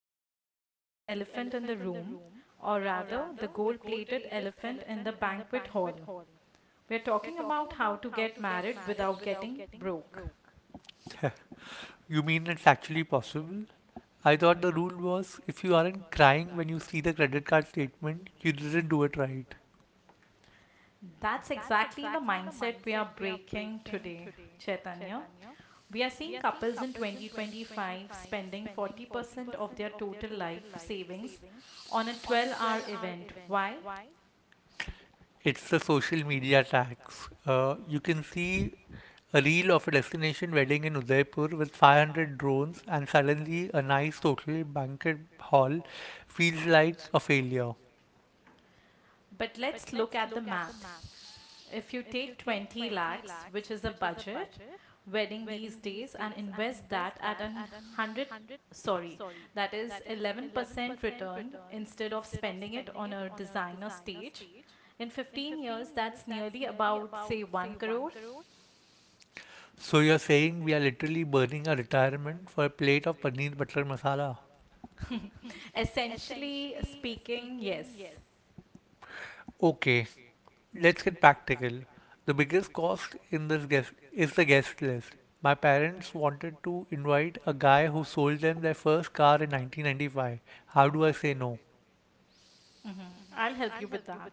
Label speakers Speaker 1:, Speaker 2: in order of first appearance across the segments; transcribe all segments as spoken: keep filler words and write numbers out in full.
Speaker 1: Today we are tackling the elephant in the room, or rather, the gold plated elephant in the banquet hall. We are talking about how to get married without getting broke.
Speaker 2: You mean it's actually possible? I thought the rule was if you aren't crying when you see the credit card statement, you didn't do it right.
Speaker 1: That's exactly the mindset we are breaking today, Chaitanya. We are seeing couples in twenty twenty-five spending forty percent of their total life savings on a twelve hour event. Why?
Speaker 2: It's the social media tax. Uh, you can see a reel of a destination wedding in Udaipur with five hundred drones, and suddenly a nice hotel banquet hall feels like a failure.
Speaker 1: But let's look at the math. If you take twenty lakhs, which is a budget wedding these days, and invest that at an one hundred, sorry, that is eleven percent return instead of spending it on a designer stage, in fifteen years, that's nearly about, say, one crore.
Speaker 2: So you're saying we are literally burning our retirement for a plate of paneer butter masala?
Speaker 1: Essentially speaking, yes.
Speaker 2: Okay, let's get practical. The biggest cost in this guest is the guest list. My parents wanted to invite a guy who sold them their first car in nineteen ninety-five. How do I say no?
Speaker 1: Mm-hmm. I'll help you with that.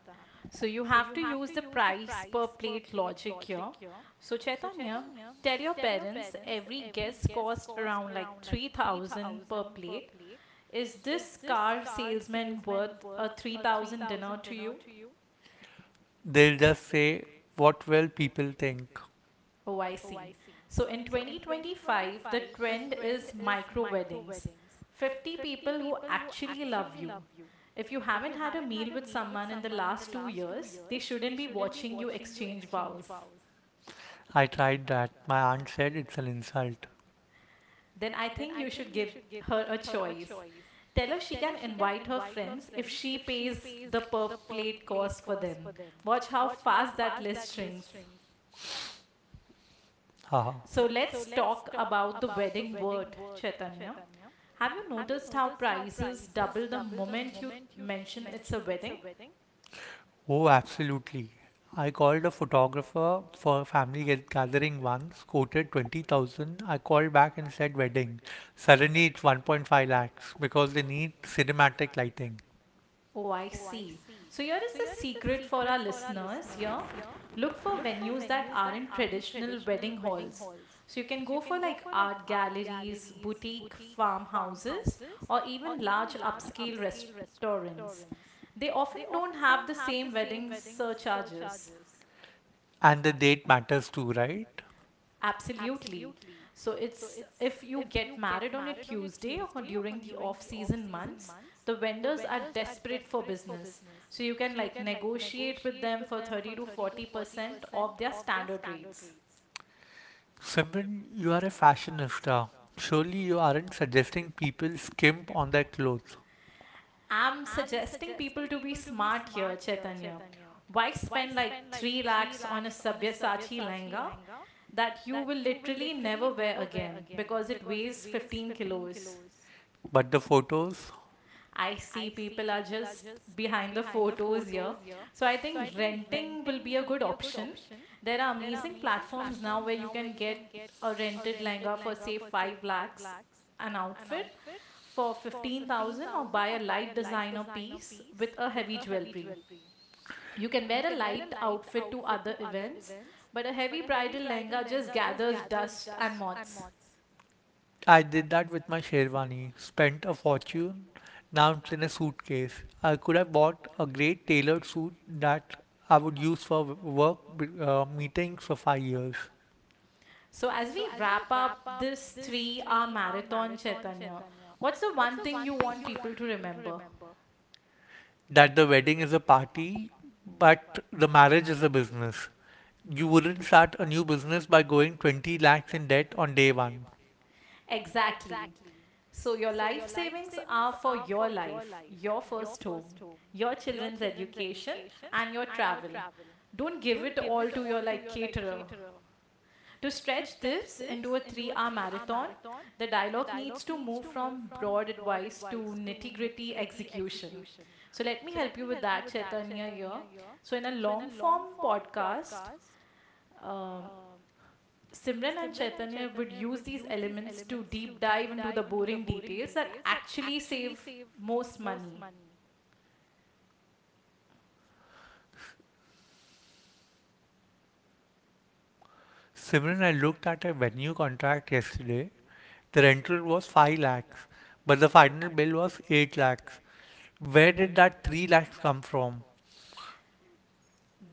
Speaker 1: So you have to use the price per plate logic here. So Chaitanya, tell your parents every guest cost around like three thousand per plate. Is this car salesman worth a three thousand dinner to you?
Speaker 2: They'll just say, what will people think?
Speaker 1: Oh, I see. So in twenty twenty-five, the trend is micro weddings, fifty people who actually love you. If you haven't had a meal with someone in the last two years, they shouldn't be watching you exchange vows.
Speaker 2: I tried that. My aunt said it's an insult.
Speaker 1: Then I think you should give her a choice. Tell her she can invite her friends if she pays the per plate cost for them. Watch how fast that list shrinks.
Speaker 2: Haha.
Speaker 1: So let's talk about the wedding word, Chaitanya. Have you noticed how prices double the moment you mention it's a wedding?
Speaker 2: Oh, absolutely. I called a photographer for a family get- gathering once, quoted twenty thousand. I called back and said wedding. Suddenly it's one point five lakhs because they need cinematic lighting.
Speaker 1: Oh, I see. So here is the secret for our listeners here. Look for venues that aren't traditional wedding halls. So you can go for like art galleries, boutique farmhouses, or even large upscale restaurants. They often don't have the same wedding surcharges.
Speaker 2: And the date matters too, right?
Speaker 1: Absolutely. So it's if you get married on a Tuesday or during the off-season months, the vendors are desperate for business. So you can like negotiate with them for thirty to forty percent of their standard rates.
Speaker 2: Simran, you are a fashionista. Surely you aren't suggesting people skimp on their clothes.
Speaker 1: I'm suggesting people to be smart here, Chaitanya. Why spend like three lakhs on a Sabyasachi lehenga that you will literally never wear again because it weighs fifteen kilos?
Speaker 2: But the photos?
Speaker 1: I see people are just behind the photos here. So I think renting will be a good option. There are amazing platforms now where you can get a rented lehenga for say five lakhs, an outfit for fifteen thousand, or buy a light designer piece with a heavy jewelry. You can wear a light outfit to other events, but a heavy bridal lehenga just gathers dust and moths.
Speaker 2: I did that with my Sherwani. Spent a fortune. Now it's in a suitcase. I could have bought a great tailored suit that I would use for work uh, meetings for five years.
Speaker 1: So, as we wrap up this three hour marathon, Chaitanya, what's the one thing you want people to remember?
Speaker 2: That the wedding is a party, but the marriage is a business. You wouldn't start a new business by going twenty lakhs in debt on day one.
Speaker 1: Exactly. So, your life savings are for your life, your first home, your children's education, and your travel. Don't give it all to your like caterer. To stretch this into a three hour marathon, the dialogue needs to move from broad advice to nitty gritty execution. So, let me help you with that, Chaitanya, here. So, in a long form podcast, um, Simran and Chaitanya would use these elements to deep dive into the boring details that actually save most money.
Speaker 2: Simran, I looked at a venue contract yesterday. The rental was five lakhs, but the final bill was eight lakhs. Where did that three lakhs come from?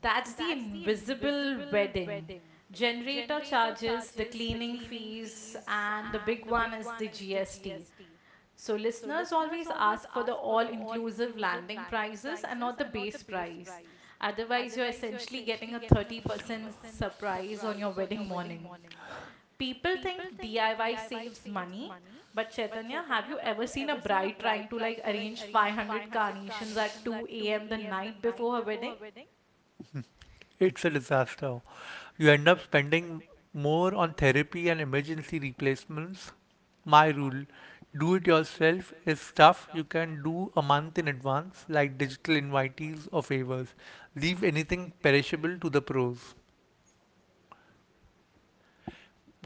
Speaker 1: That's the invisible wedding. Generator charges, the cleaning fees, and the big one is the G S T. So, listeners always ask for the all inclusive landing prices and not the base price. Otherwise, you're essentially getting a thirty percent surprise on your wedding morning. People think D I Y saves money, but Chaitanya, have you ever seen a bride trying to like arrange five hundred carnations at two a m the night before her wedding?
Speaker 2: It's a disaster. You end up spending more on therapy and emergency replacements. My rule, do it yourself, is stuff you can do a month in advance, like digital invitees or favors. Leave anything perishable to the pros.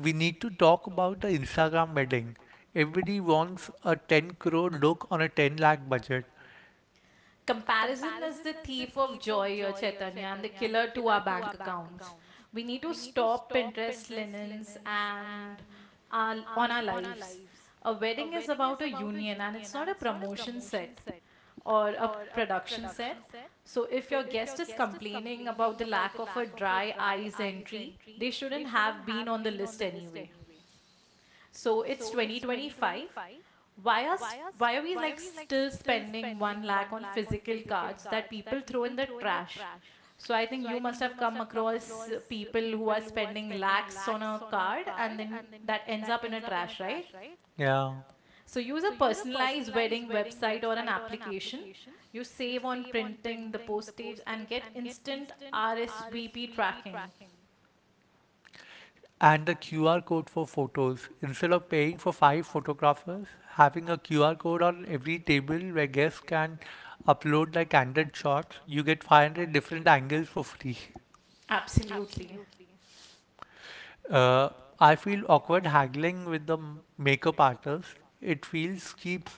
Speaker 2: We need to talk about the Instagram wedding. Everybody wants a ten crore look on a ten lakh budget.
Speaker 1: Comparison is the thief of joy here, Chaitanya, and the killer to our bank accounts. We need to stop Pinterest linens and our, on our lives. A wedding is about a union and it's not a promotion set or a production set. So if your guest is complaining about the lack of a dry eyes entry, they shouldn't have been on the list anyway. So it's twenty twenty-five. Why are s- why are we like still spending one lakh on physical cards that people throw in the trash? So I think you must have come across uh, people who are spending lakhs on a card and then that ends up in a trash, right?
Speaker 2: Yeah.
Speaker 1: So use a personalized wedding website or an application. You save on printing the postage and get instant R S V P tracking.
Speaker 2: And the Q R code for photos. Instead of paying for five photographers, having a Q R code on every table where guests can upload like one hundred shots, you get five hundred different angles for free.
Speaker 1: Absolutely.
Speaker 2: Uh, I feel awkward haggling with the m- makeup artist. It feels cheap.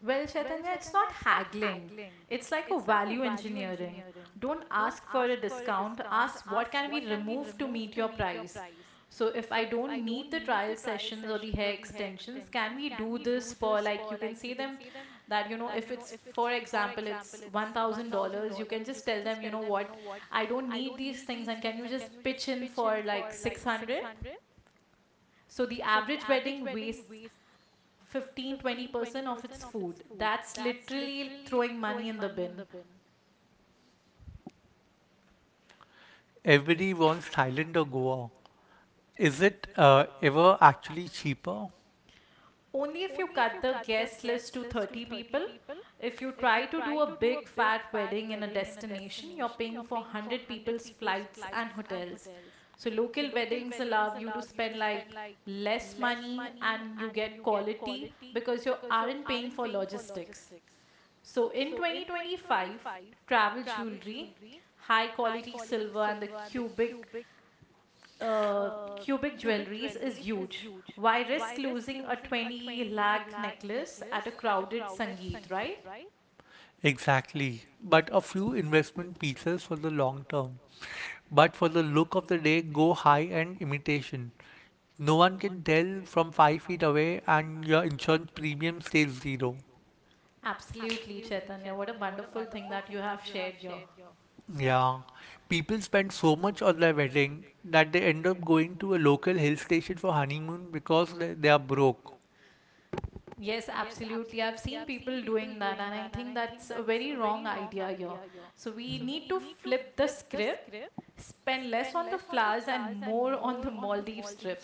Speaker 1: Well, Chaitanya, it's not haggling. It's like a value engineering. Don't ask for a discount, ask what can be removed to meet your price. So, if I don't need the trial sessions or the hair extensions, can we do this for like you can say them that you know, if it's for example, it's one thousand dollars you can just tell them, you know what, I don't need these things, and can you just pitch in for like six hundred? So the average wedding wastes Fifteen twenty percent of its food. That's literally throwing money in the bin.
Speaker 2: Everybody wants Thailand or Goa. Is it uh, ever actually cheaper?
Speaker 1: Only if you cut the guest list to thirty people. If you try to do a big fat wedding in a destination, you're paying for one hundred people's flights and hotels. So local weddings allow you to spend like less money and you get quality because you aren't paying for logistics. So in twenty twenty-five, travel jewelry, high quality silver and the cubic uh, cubic jewelries is huge. Why risk losing a twenty lakh necklace at a crowded Sangeet, right?
Speaker 2: Exactly. But a few investment pieces for the long term. But for the look of the day, go high end imitation. No one can tell from five feet away, and your insurance premium stays zero.
Speaker 1: Absolutely, Chaitanya. What a wonderful thing that you have shared here.
Speaker 2: Yeah. People spend so much on their wedding that they end up going to a local hill station for honeymoon because they, they are broke.
Speaker 1: Yes, absolutely. I've seen people doing that, and I think that's a very wrong idea here. So we need to flip the script, spend less on the flowers and more on the Maldives trip.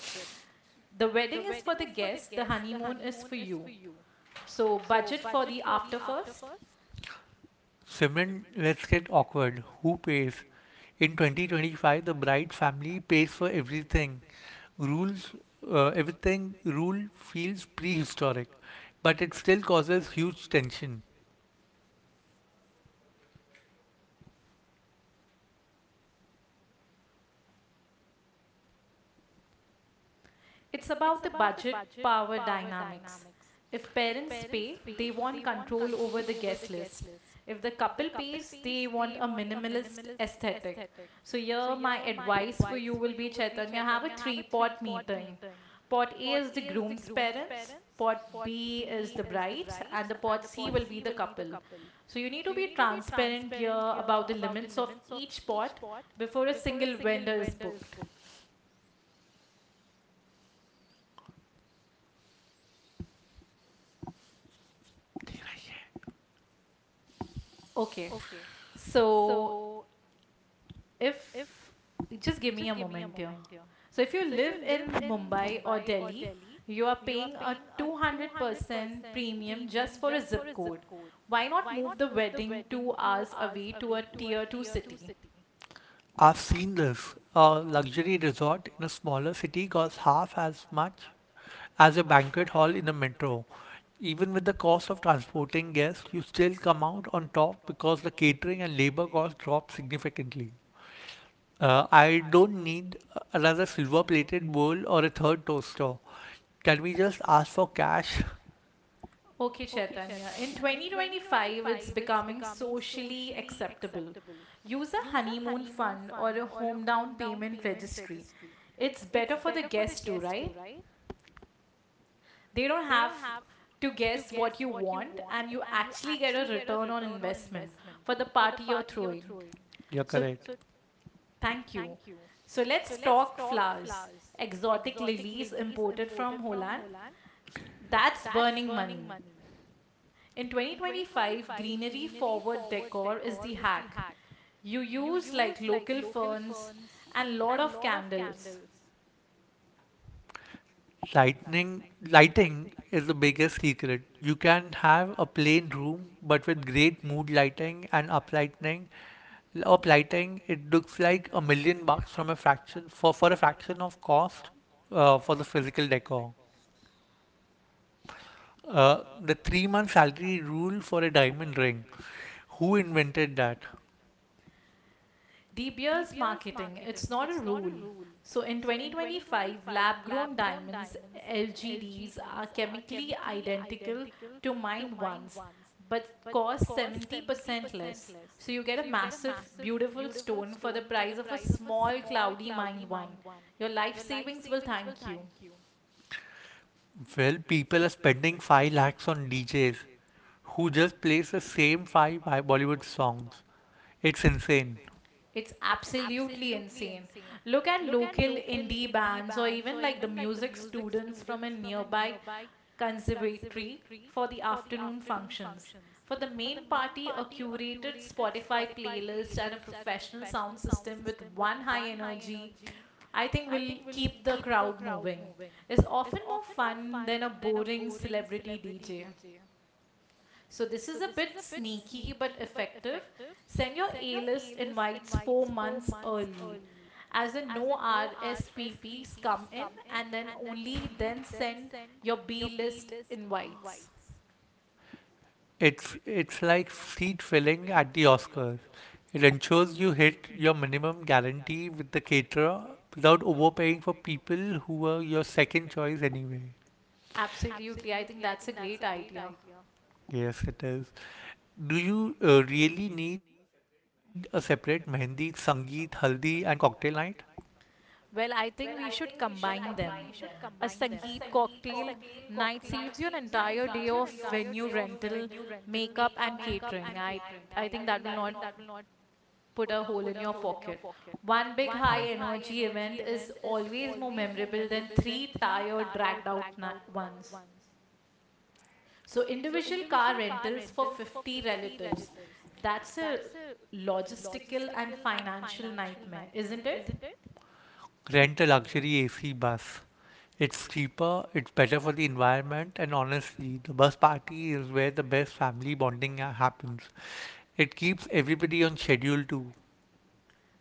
Speaker 1: The wedding is for the guests, the honeymoon is for you. So budget for the after first.
Speaker 2: Simon, let's get awkward. Who pays? In twenty twenty-five, the bride's family pays for everything. Rules, uh, everything rule feels prehistoric, but it still causes huge tension.
Speaker 1: It's about the budget power dynamics. If parents pay, they want control over the guest list. If the couple pays, they want a minimalist aesthetic. So, here my advice for you will be Chaitanya, have a three pot meeting. Pot A is the groom's parents, pot B is the bride's, and the pot C will be the couple. So, you need to be transparent here about the limits of each pot before a single vendor is booked. Okay. So if Just give me a moment here. So if you live in Mumbai or Delhi, you are paying a two hundred percent premium just for a zip code. Why not move the wedding two hours away to a tier two city?
Speaker 2: I've seen this. A luxury resort in a smaller city costs half as much as a banquet hall in a metro. Even with the cost of transporting guests, you still come out on top because the catering and labor costs drop significantly. Uh, I don't need another silver plated bowl or a third toaster. Can we just ask for cash?
Speaker 1: Okay, Chaitanya. In twenty twenty-five, it's becoming socially acceptable. Use a honeymoon fund or a home down payment registry. It's better for the guests too, right? They don't have to guess what you want, and you actually get a return on investment for the party you're throwing.
Speaker 2: You're
Speaker 1: So,
Speaker 2: correct.
Speaker 1: thank you. So, let's talk flowers. Exotic lilies imported from Holland. That's burning money. In twenty twenty-five, greenery forward decor is the hack. You use like local ferns and lot of candles.
Speaker 2: Lightning, lighting is the biggest secret. You can have a plain room, but with great mood lighting and uplighting, uplighting, it looks like a million bucks from a fraction for for a fraction of cost uh, for the physical decor. Uh, the three-month salary rule for a diamond ring. Who invented that?
Speaker 1: De Beers marketing, it's not a rule. So in twenty twenty-five, lab grown diamonds, L G Ds, are chemically identical to mined ones but cost seventy percent less. So you get a massive, beautiful stone for the price of a small, cloudy mined one. Your life savings will thank you.
Speaker 2: Well, people are spending five lakhs on D Js who just plays the same five Bollywood songs. It's insane.
Speaker 1: It's absolutely insane. Look at local indie bands or even like the music students from a nearby conservatory for the afternoon functions. For the main party, a curated Spotify playlist and a professional sound system with one high energy, I think will keep the crowd moving, is often more fun than a boring celebrity D J. So this is a bit sneaky but effective. Send your A-list invites four months early. As in no R S V Ps come in and then only then send your B-list invites.
Speaker 2: It's it's like seat filling at the Oscars. It ensures you hit your minimum guarantee with the caterer without overpaying for people who were your second choice anyway.
Speaker 1: Absolutely, I think that's a great idea.
Speaker 2: Yes, it is. Do you uh, really need a separate mehendi, sangeet, haldi, and cocktail night?
Speaker 1: Well, I think we should combine them. A Sangeet cocktail night saves you an entire day of venue rental, makeup, and catering. I I think that will not put a hole in your pocket. One big high energy event is always more memorable than three tired, dragged out na- ones. So, individual car rentals for fifty relatives. That's a logistical and financial nightmare, isn't it?
Speaker 2: Rent a luxury A C bus. It's cheaper, it's better for the environment, and honestly, the bus party is where the best family bonding ha- happens. It keeps everybody on schedule too.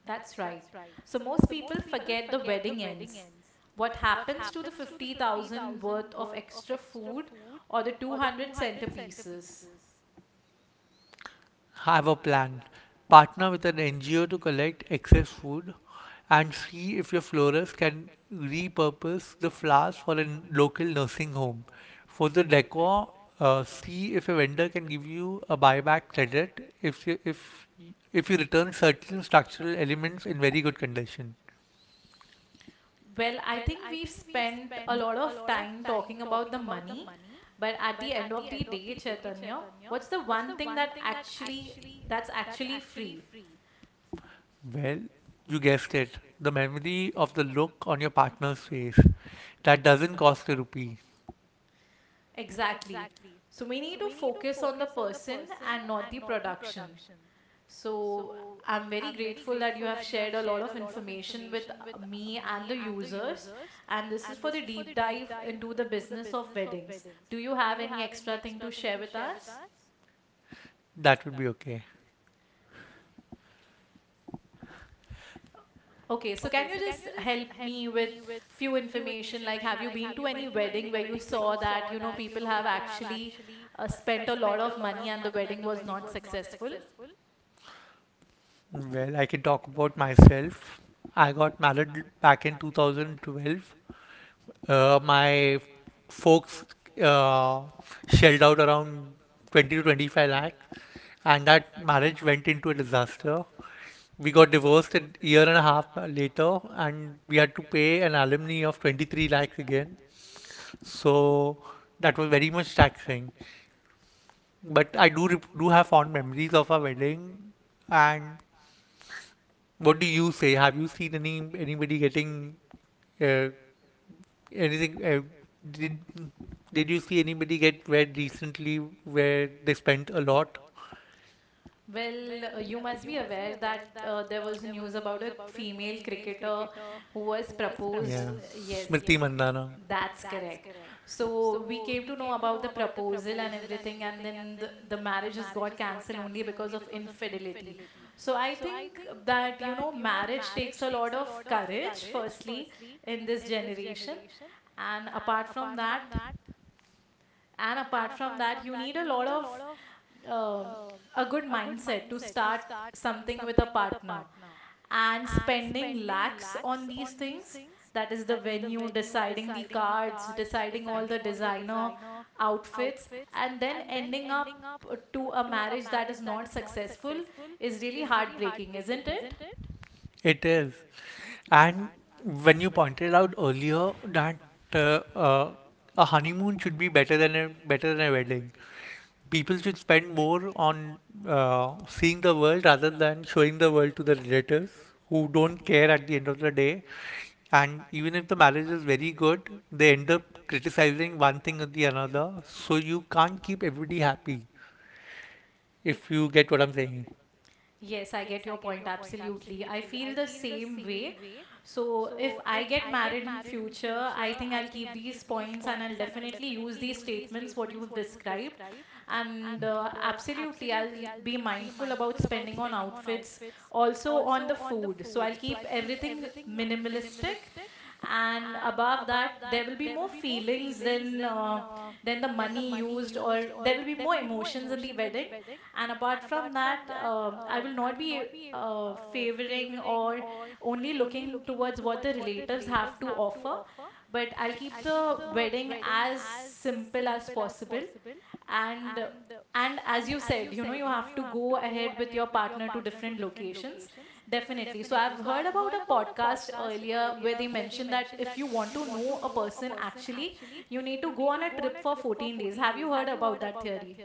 Speaker 1: That's right. So, most people forget the wedding ends. What happens to the fifty thousand worth of extra food or the two hundred centerpieces?
Speaker 2: Have a plan, partner with an N G O to collect excess food, and see if your florist can repurpose the flowers for a n- local nursing home. For the decor, uh, see if a vendor can give you a buyback credit if you, if if you return certain structural elements in very good condition.
Speaker 1: Well, I think we've spent a lot of time talking about the money, but at the end of the day, Chaitanya, what's the one thing that actually that's actually free?
Speaker 2: Well, you guessed it. The memory of the look on your partner's face. That doesn't cost a rupee.
Speaker 1: Exactly. So we need to focus on the person and not the production. So I'm very grateful that you have shared a lot of information with uh, me and the users. And this is for the deep dive into the business of weddings. Do you have any extra thing to share with us?
Speaker 2: That would be okay.
Speaker 1: Okay, so can you just help me with few information? Like, have you been to any wedding where you saw that, you know, people have actually uh, spent a lot of money and the wedding was not successful?
Speaker 2: Well, I can talk about myself. I got married back in two thousand twelve. Uh, my folks uh, shelled out around twenty to twenty-five lakh, and that marriage went into a disaster. We got divorced a year and a half later, and we had to pay an alimony of twenty-three lakhs again. So that was very much taxing. But I do rep- do have fond memories of our wedding. And what do you say? Have you seen any anybody getting uh, anything? Uh, did did you see anybody get wed recently where they spent a lot?
Speaker 1: Well, uh, you must be aware that uh, there was news about a female cricketer who was proposed.
Speaker 2: Yeah,
Speaker 1: uh, Yes.
Speaker 2: Smriti Mandhana.
Speaker 1: That's correct. So we came to know about the proposal and everything, and then the, the marriage has got cancelled only because of infidelity. So I think that, you know, marriage takes a lot of courage, firstly, in this generation. And apart from that, and apart from that, you need a lot of um, a good mindset to start something with a partner. And spending lakhs on these things, that is the venue, deciding the cards, deciding all the designer outfits, and then ending up uh, to a marriage that is not successful is really heartbreaking, isn't it?
Speaker 2: It is. And when you pointed out earlier that uh, uh, a honeymoon should be better than a better than a wedding, people should spend more on uh, seeing the world rather than showing the world to the relatives who don't care at the end of the day. And even if the marriage is very good, they end up criticizing one thing or the another. So you can't keep everybody happy
Speaker 1: Ex-
Speaker 2: if you get what I'm saying.
Speaker 1: Yes, I get your point. Absolutely. I feel the same way. So if I get married in future, I think I'll keep these points and I'll definitely use these statements what you have described. And uh, absolutely, I'll be mindful about spending on outfits, also on the food. So I'll keep everything minimalistic, and above that, there will be more feelings than uh, than the money used, or there will be more emotions in the wedding. And apart from that, um I will not be uh, favoring or only looking towards what the relatives have to offer. But I'll keep the wedding as simple as possible. And uh, and as you said, you know, you have to go ahead with your partner to different locations. Definitely. So I've heard about a podcast earlier where they mentioned that if you want to know a person actually, you need to go on a trip for fourteen days. Have you heard about that theory?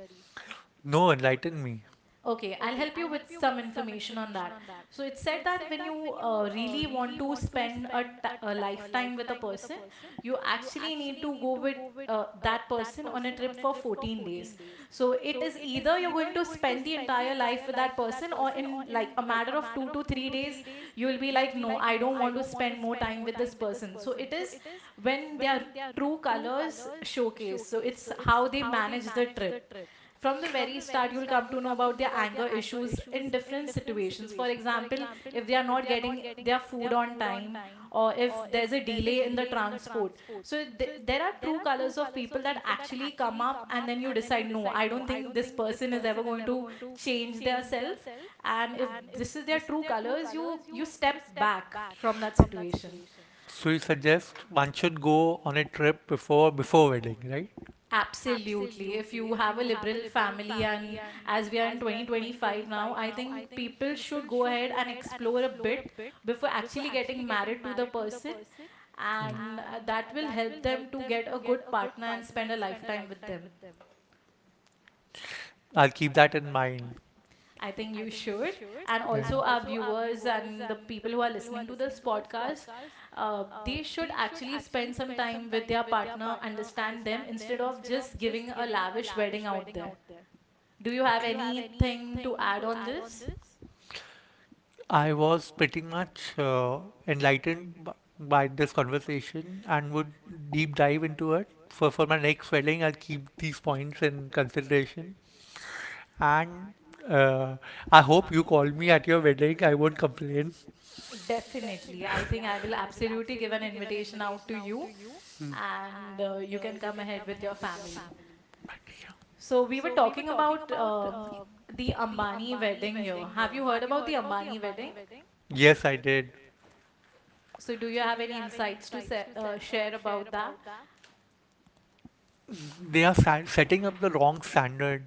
Speaker 2: No, enlighten me.
Speaker 1: Okay, I'll help you with some information on that. So it said that when you uh, really want to spend a, t- a lifetime with a person, you actually need to go with uh, that person on a trip for fourteen days. So it is either you're going to spend the entire life with that person, or in like a matter of two to three days, you'll be like, no, I don't want to spend more time with this person. So it is when their true colors showcase. So it's how they manage the trip from the very start, you'll come to know about their anger issues in different situations, for example, if they are not getting their food on time or if there's a delay in the transport. So th- there are true colors of people that actually come up, and then you decide, no, I don't think this person is ever going to change their self. And if this is their true colors, you you step back from that situation.
Speaker 2: So you suggest one should go on a trip before before wedding, right?
Speaker 1: Absolutely. If you have a liberal family, and as we are in twenty twenty-five now, I think people should go ahead and explore a bit before actually getting married to the person, and uh, that will help them to get a good partner and spend a lifetime with them.
Speaker 2: I'll keep that in mind.
Speaker 1: I think you should. And also, our
Speaker 2: Yeah.
Speaker 1: viewers and the people who are listening to this podcast, uh, they should actually spend some time with their partner, understand them, instead of just giving a lavish wedding out there. Do you have anything to add on this?
Speaker 2: I was pretty much uh, enlightened b- by this conversation and would deep dive into it. For, for my next wedding, I'll keep these points in consideration. And uh, I hope you call me at your wedding. I won't complain.
Speaker 1: Definitely. I think I will absolutely give an invitation out to you
Speaker 2: Mm.
Speaker 1: and uh, you can come ahead with your family. So, we were talking about um, the Ambani wedding here. Have you heard about the Ambani wedding?
Speaker 2: Yes, I did.
Speaker 1: So, do you have any insights to se- uh, share about that?
Speaker 2: They are sa- setting up the wrong standard.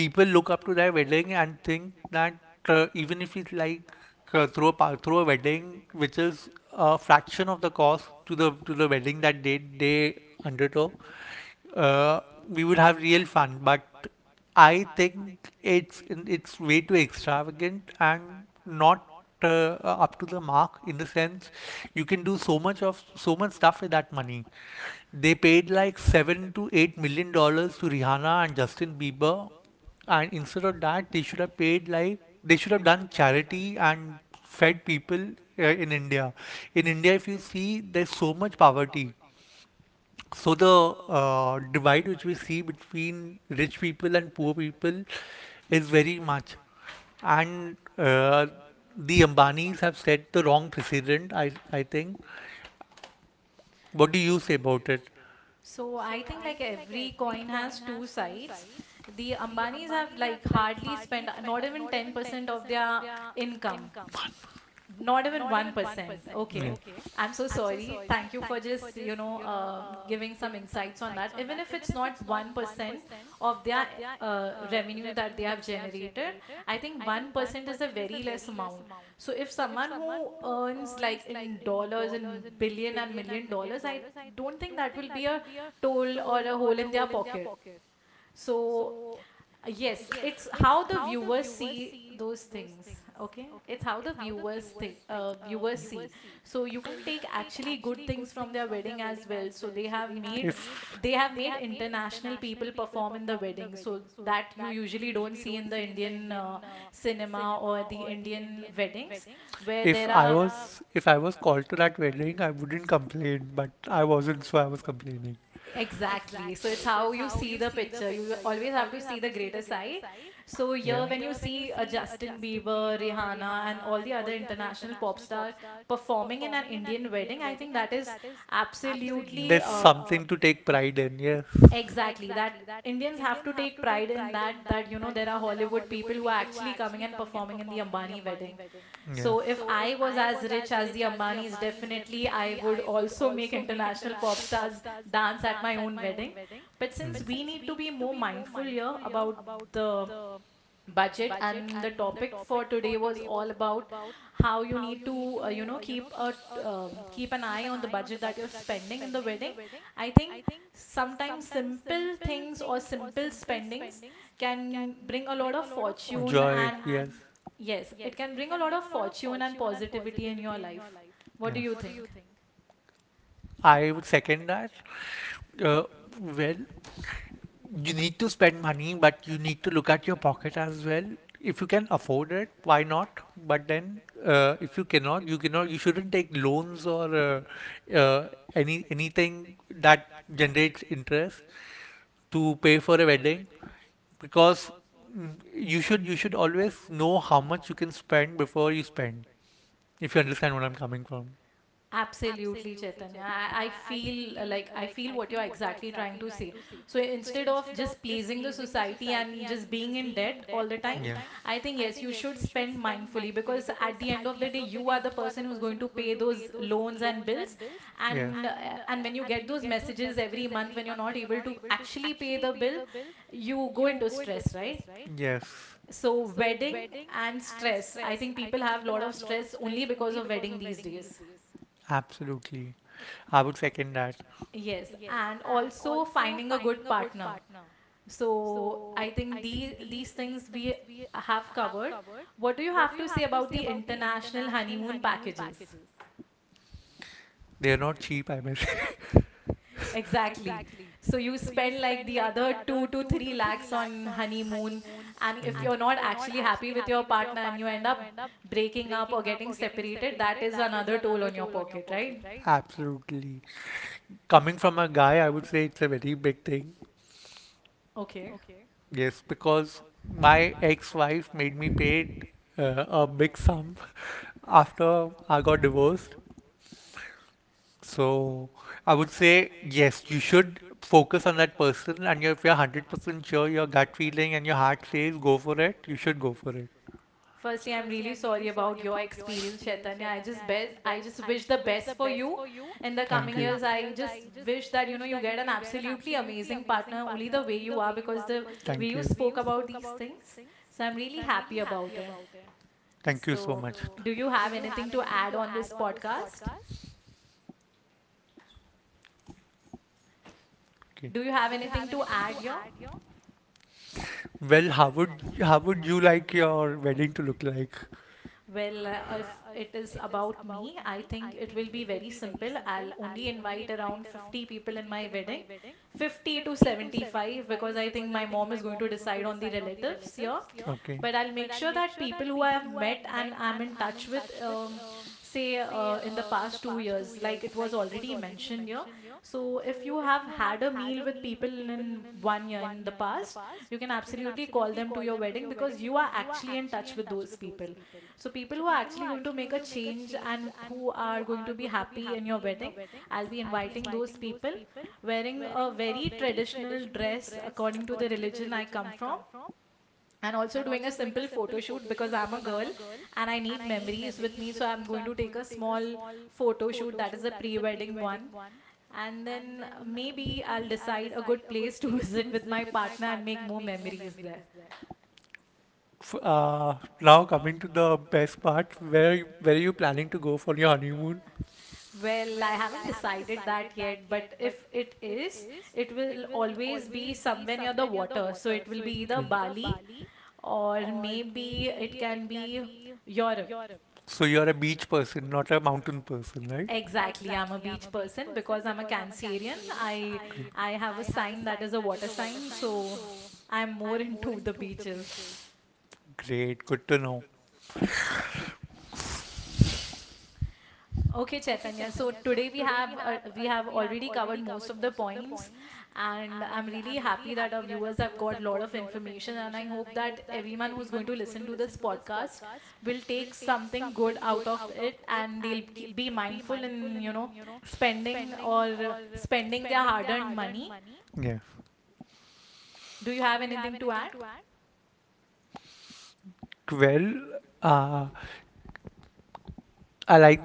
Speaker 2: People look up to their wedding and think that uh, even if it's like uh, through a pa- through a wedding, which is a fraction of the cost to the to the wedding that they they undertook, uh, we would have real fun. But I think it's it's way too extravagant and not uh, up to the mark in the sense you can do so much of so much stuff with that money. They paid like seven to eight million dollars to Rihanna and Justin Bieber, and instead of that, they should have paid, like they should have done charity and fed people uh, in India. In India, if you see, there's so much poverty. So the uh, divide which we see between rich people and poor people is very much. And uh, the Ambanis have set the wrong precedent, I, I think. What do you say about it?
Speaker 1: So, I think like every coin has two sides. The Ambanis have like hardly spent not even ten percent of their income. Not even one percent. Okay.
Speaker 2: Yeah.
Speaker 1: I'm so sorry. Thank you for just, you know, uh, giving some insights on that. Even if it's not one percent of their uh, revenue that they have generated, I think one percent is a very less amount. So if someone who earns like in dollars, in billion and million dollars, I don't think that will be a toll or a hole in their pocket. So, uh, yes, it's how the viewers see those things. Okay, it's how the viewers think. Uh, viewers see. So you can take actually good things from their wedding as well. So they have made,
Speaker 2: If
Speaker 1: they have made international people perform in the wedding. So that you usually don't see in the Indian uh, cinema or the Indian weddings, where
Speaker 2: If
Speaker 1: there
Speaker 2: I
Speaker 1: are…
Speaker 2: was, if I was called to that wedding, I wouldn't complain, but I wasn't, so I was complaining.
Speaker 1: Exactly. So it's how you see the picture. You always have to see the greater side. So here, when you see
Speaker 2: Yeah.
Speaker 1: uh, Justin Bieber, Rihanna, and all the other international pop star performing in an Indian wedding, I think that is absolutely
Speaker 2: There's
Speaker 1: uh,
Speaker 2: something to take pride in, yes.
Speaker 1: Exactly. That Indians have to take pride in that, that, you know, there are Hollywood people who are actually coming and performing in the Ambani wedding.
Speaker 2: Yeah.
Speaker 1: So if I was as rich as the Ambanis, definitely I would also make international pop stars dance at my own wedding. But since we need to be more mindful here about the budget, and the topic for today was all about how you need to uh, you know, keep a t- um, keep an eye on the budget that you're spending in the wedding. I think sometimes simple things or simple spendings can bring a lot of
Speaker 2: Mm.
Speaker 1: fortune
Speaker 2: Joy, yes.
Speaker 1: and…
Speaker 2: Yes.
Speaker 1: Yes, it can bring a lot of fortune and positivity in your life. What do you think?
Speaker 2: I would second that. Uh, when you need to spend money, but you need to look at your pocket as well. If you can afford it, why not? But then, uh, if you cannot, you cannot. You shouldn't take loans or uh, uh, any anything that generates interest to pay for a wedding because mm, you should you should always know how much you can spend before you spend. If you understand what I'm coming from.
Speaker 1: Absolutely, Chaitanya. I, I feel uh, like I feel what you're exactly trying to say. So instead of just pleasing the society and just being in debt all the time,
Speaker 2: Yeah.
Speaker 1: I think yes, you should spend mindfully because at the end of the day, you are the person who's going to pay those loans and bills.
Speaker 2: Yeah.
Speaker 1: And uh, and when you get those messages every month when you're not able to actually pay the bill, you go into stress, right?
Speaker 2: Yes,
Speaker 1: So wedding and stress. I think people have a lot of stress only because of wedding these days.
Speaker 2: absolutely. I would second that.
Speaker 1: Yes, and also finding a good partner. So I think these these things we have covered. What do you have to say about the international honeymoon packages?
Speaker 2: They're not cheap, I bet.
Speaker 1: Exactly. So you spend like the other two to three lakhs on honeymoon, and if you're
Speaker 2: Mm.
Speaker 1: not actually happy with your partner and you end up breaking up or getting separated, that is another toll on your pocket, right?
Speaker 2: Absolutely. Coming from a guy, I would say it's a very big thing.
Speaker 1: Okay.
Speaker 2: Yes, because my ex wife made me pay uh, a big sum after I got divorced. So I would say, yes, you should focus on that person. And if you're one hundred percent sure your gut feeling and your heart says go for it, you should go for it.
Speaker 1: Firstly, I'm really sorry about your experience, Chaitanya. I just best, I just wish the best for you in the
Speaker 2: Thank
Speaker 1: coming years. I
Speaker 2: you.
Speaker 1: just wish that you know you get an absolutely amazing partner, only the way you are, because the way
Speaker 2: Thank
Speaker 1: you
Speaker 2: you. We
Speaker 1: spoke about these things. So I'm really happy about it.
Speaker 2: thank you so
Speaker 1: So,
Speaker 2: much.
Speaker 1: so do you
Speaker 2: So,
Speaker 1: have anything to add on this podcast?
Speaker 2: okay.
Speaker 1: Do you have anything to add here?
Speaker 2: Well, how would how would you like your wedding to look like?
Speaker 1: Well, uh, if it is about me, I think it will be very simple. I'll only invite around fifty people in my wedding, fifty to seventy-five, because I think my mom is going to decide on the relatives here.
Speaker 2: Your okay.
Speaker 1: But I'll make sure that people who I have met and I'm in touch with, um, say uh, in the past two years, like it was already mentioned here. So if you have had a meal with people in in one year in the past, you can absolutely call them to your wedding because you are actually in touch with those people. So people who are actually going to make a change and who are going to be happy in your wedding, I'll be inviting those people, wearing a very traditional dress according to the religion I come from, and also doing a simple photo shoot because I'm a girl and I need memories with me. So I'm going to take a small photo shoot that is a pre wedding one. And then uh, maybe I'll decide a good place to visit with my partner and make more memories there.
Speaker 2: F- uh, Now coming to the best part, where where are you planning to go for your honeymoon?
Speaker 1: Well, I haven't decided that yet, but if it is, it will
Speaker 2: Will
Speaker 1: always
Speaker 2: always
Speaker 1: be
Speaker 2: be
Speaker 1: somewhere near the water. So
Speaker 2: somewhere,
Speaker 1: it will
Speaker 2: people
Speaker 1: be either
Speaker 2: either Bali.
Speaker 1: Bali,
Speaker 2: Bali.
Speaker 1: or maybe it can be Europe.
Speaker 2: So you're a beach person, not a mountain person, right?
Speaker 1: Exactly. I'm a beach person because I'm a Cancerian. I I have a sign that is a water sign, so I'm more into the beaches.
Speaker 2: Great, good to know.
Speaker 1: Okay, Chaitanya. So today we have uh, we have already covered most of the points, and I'm really happy that our viewers have got a lot of information. And I hope that everyone who's going to listen to this podcast will take something good out of it, and they'll k- be mindful in, you know, spending or uh, spending their hard-earned money.
Speaker 2: Yeah.
Speaker 1: Do you have anything to add?
Speaker 2: Well, uh, I like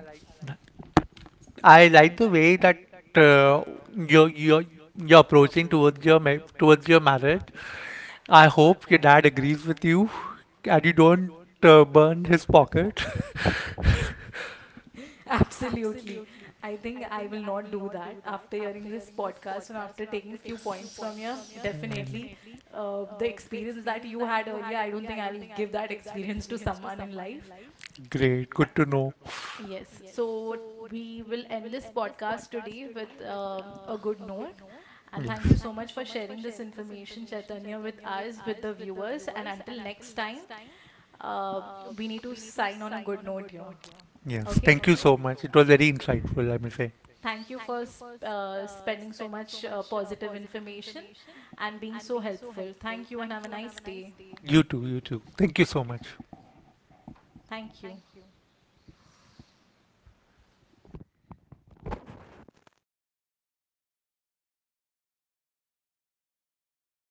Speaker 2: I like the way that uh, you're you're you're approaching towards your ma towards your marriage. I hope your dad agrees with you and you don't uh, burn his pocket.
Speaker 1: Absolutely. I think I will not do that after hearing this podcast and after taking few points from you. Definitely, uh, the experience that you had earlier, I don't think I'll give that experience to someone in life.
Speaker 2: Great, good to know.
Speaker 1: Yes. So we will end this podcast today with um, a good note. And thank you
Speaker 2: Yes,
Speaker 1: so much for sharing this information, Chaitanya, with us, with the viewers. And until next time, uh, we need to sign on a good note here.
Speaker 2: yes.
Speaker 1: Okay.
Speaker 2: Thank you so much. It was very insightful, I must say.
Speaker 1: Thank you for sp- uh, spending so much uh, positive information and being so helpful. Thank you and have a nice day.
Speaker 2: You too, you too. Thank you so much.
Speaker 1: Thank you.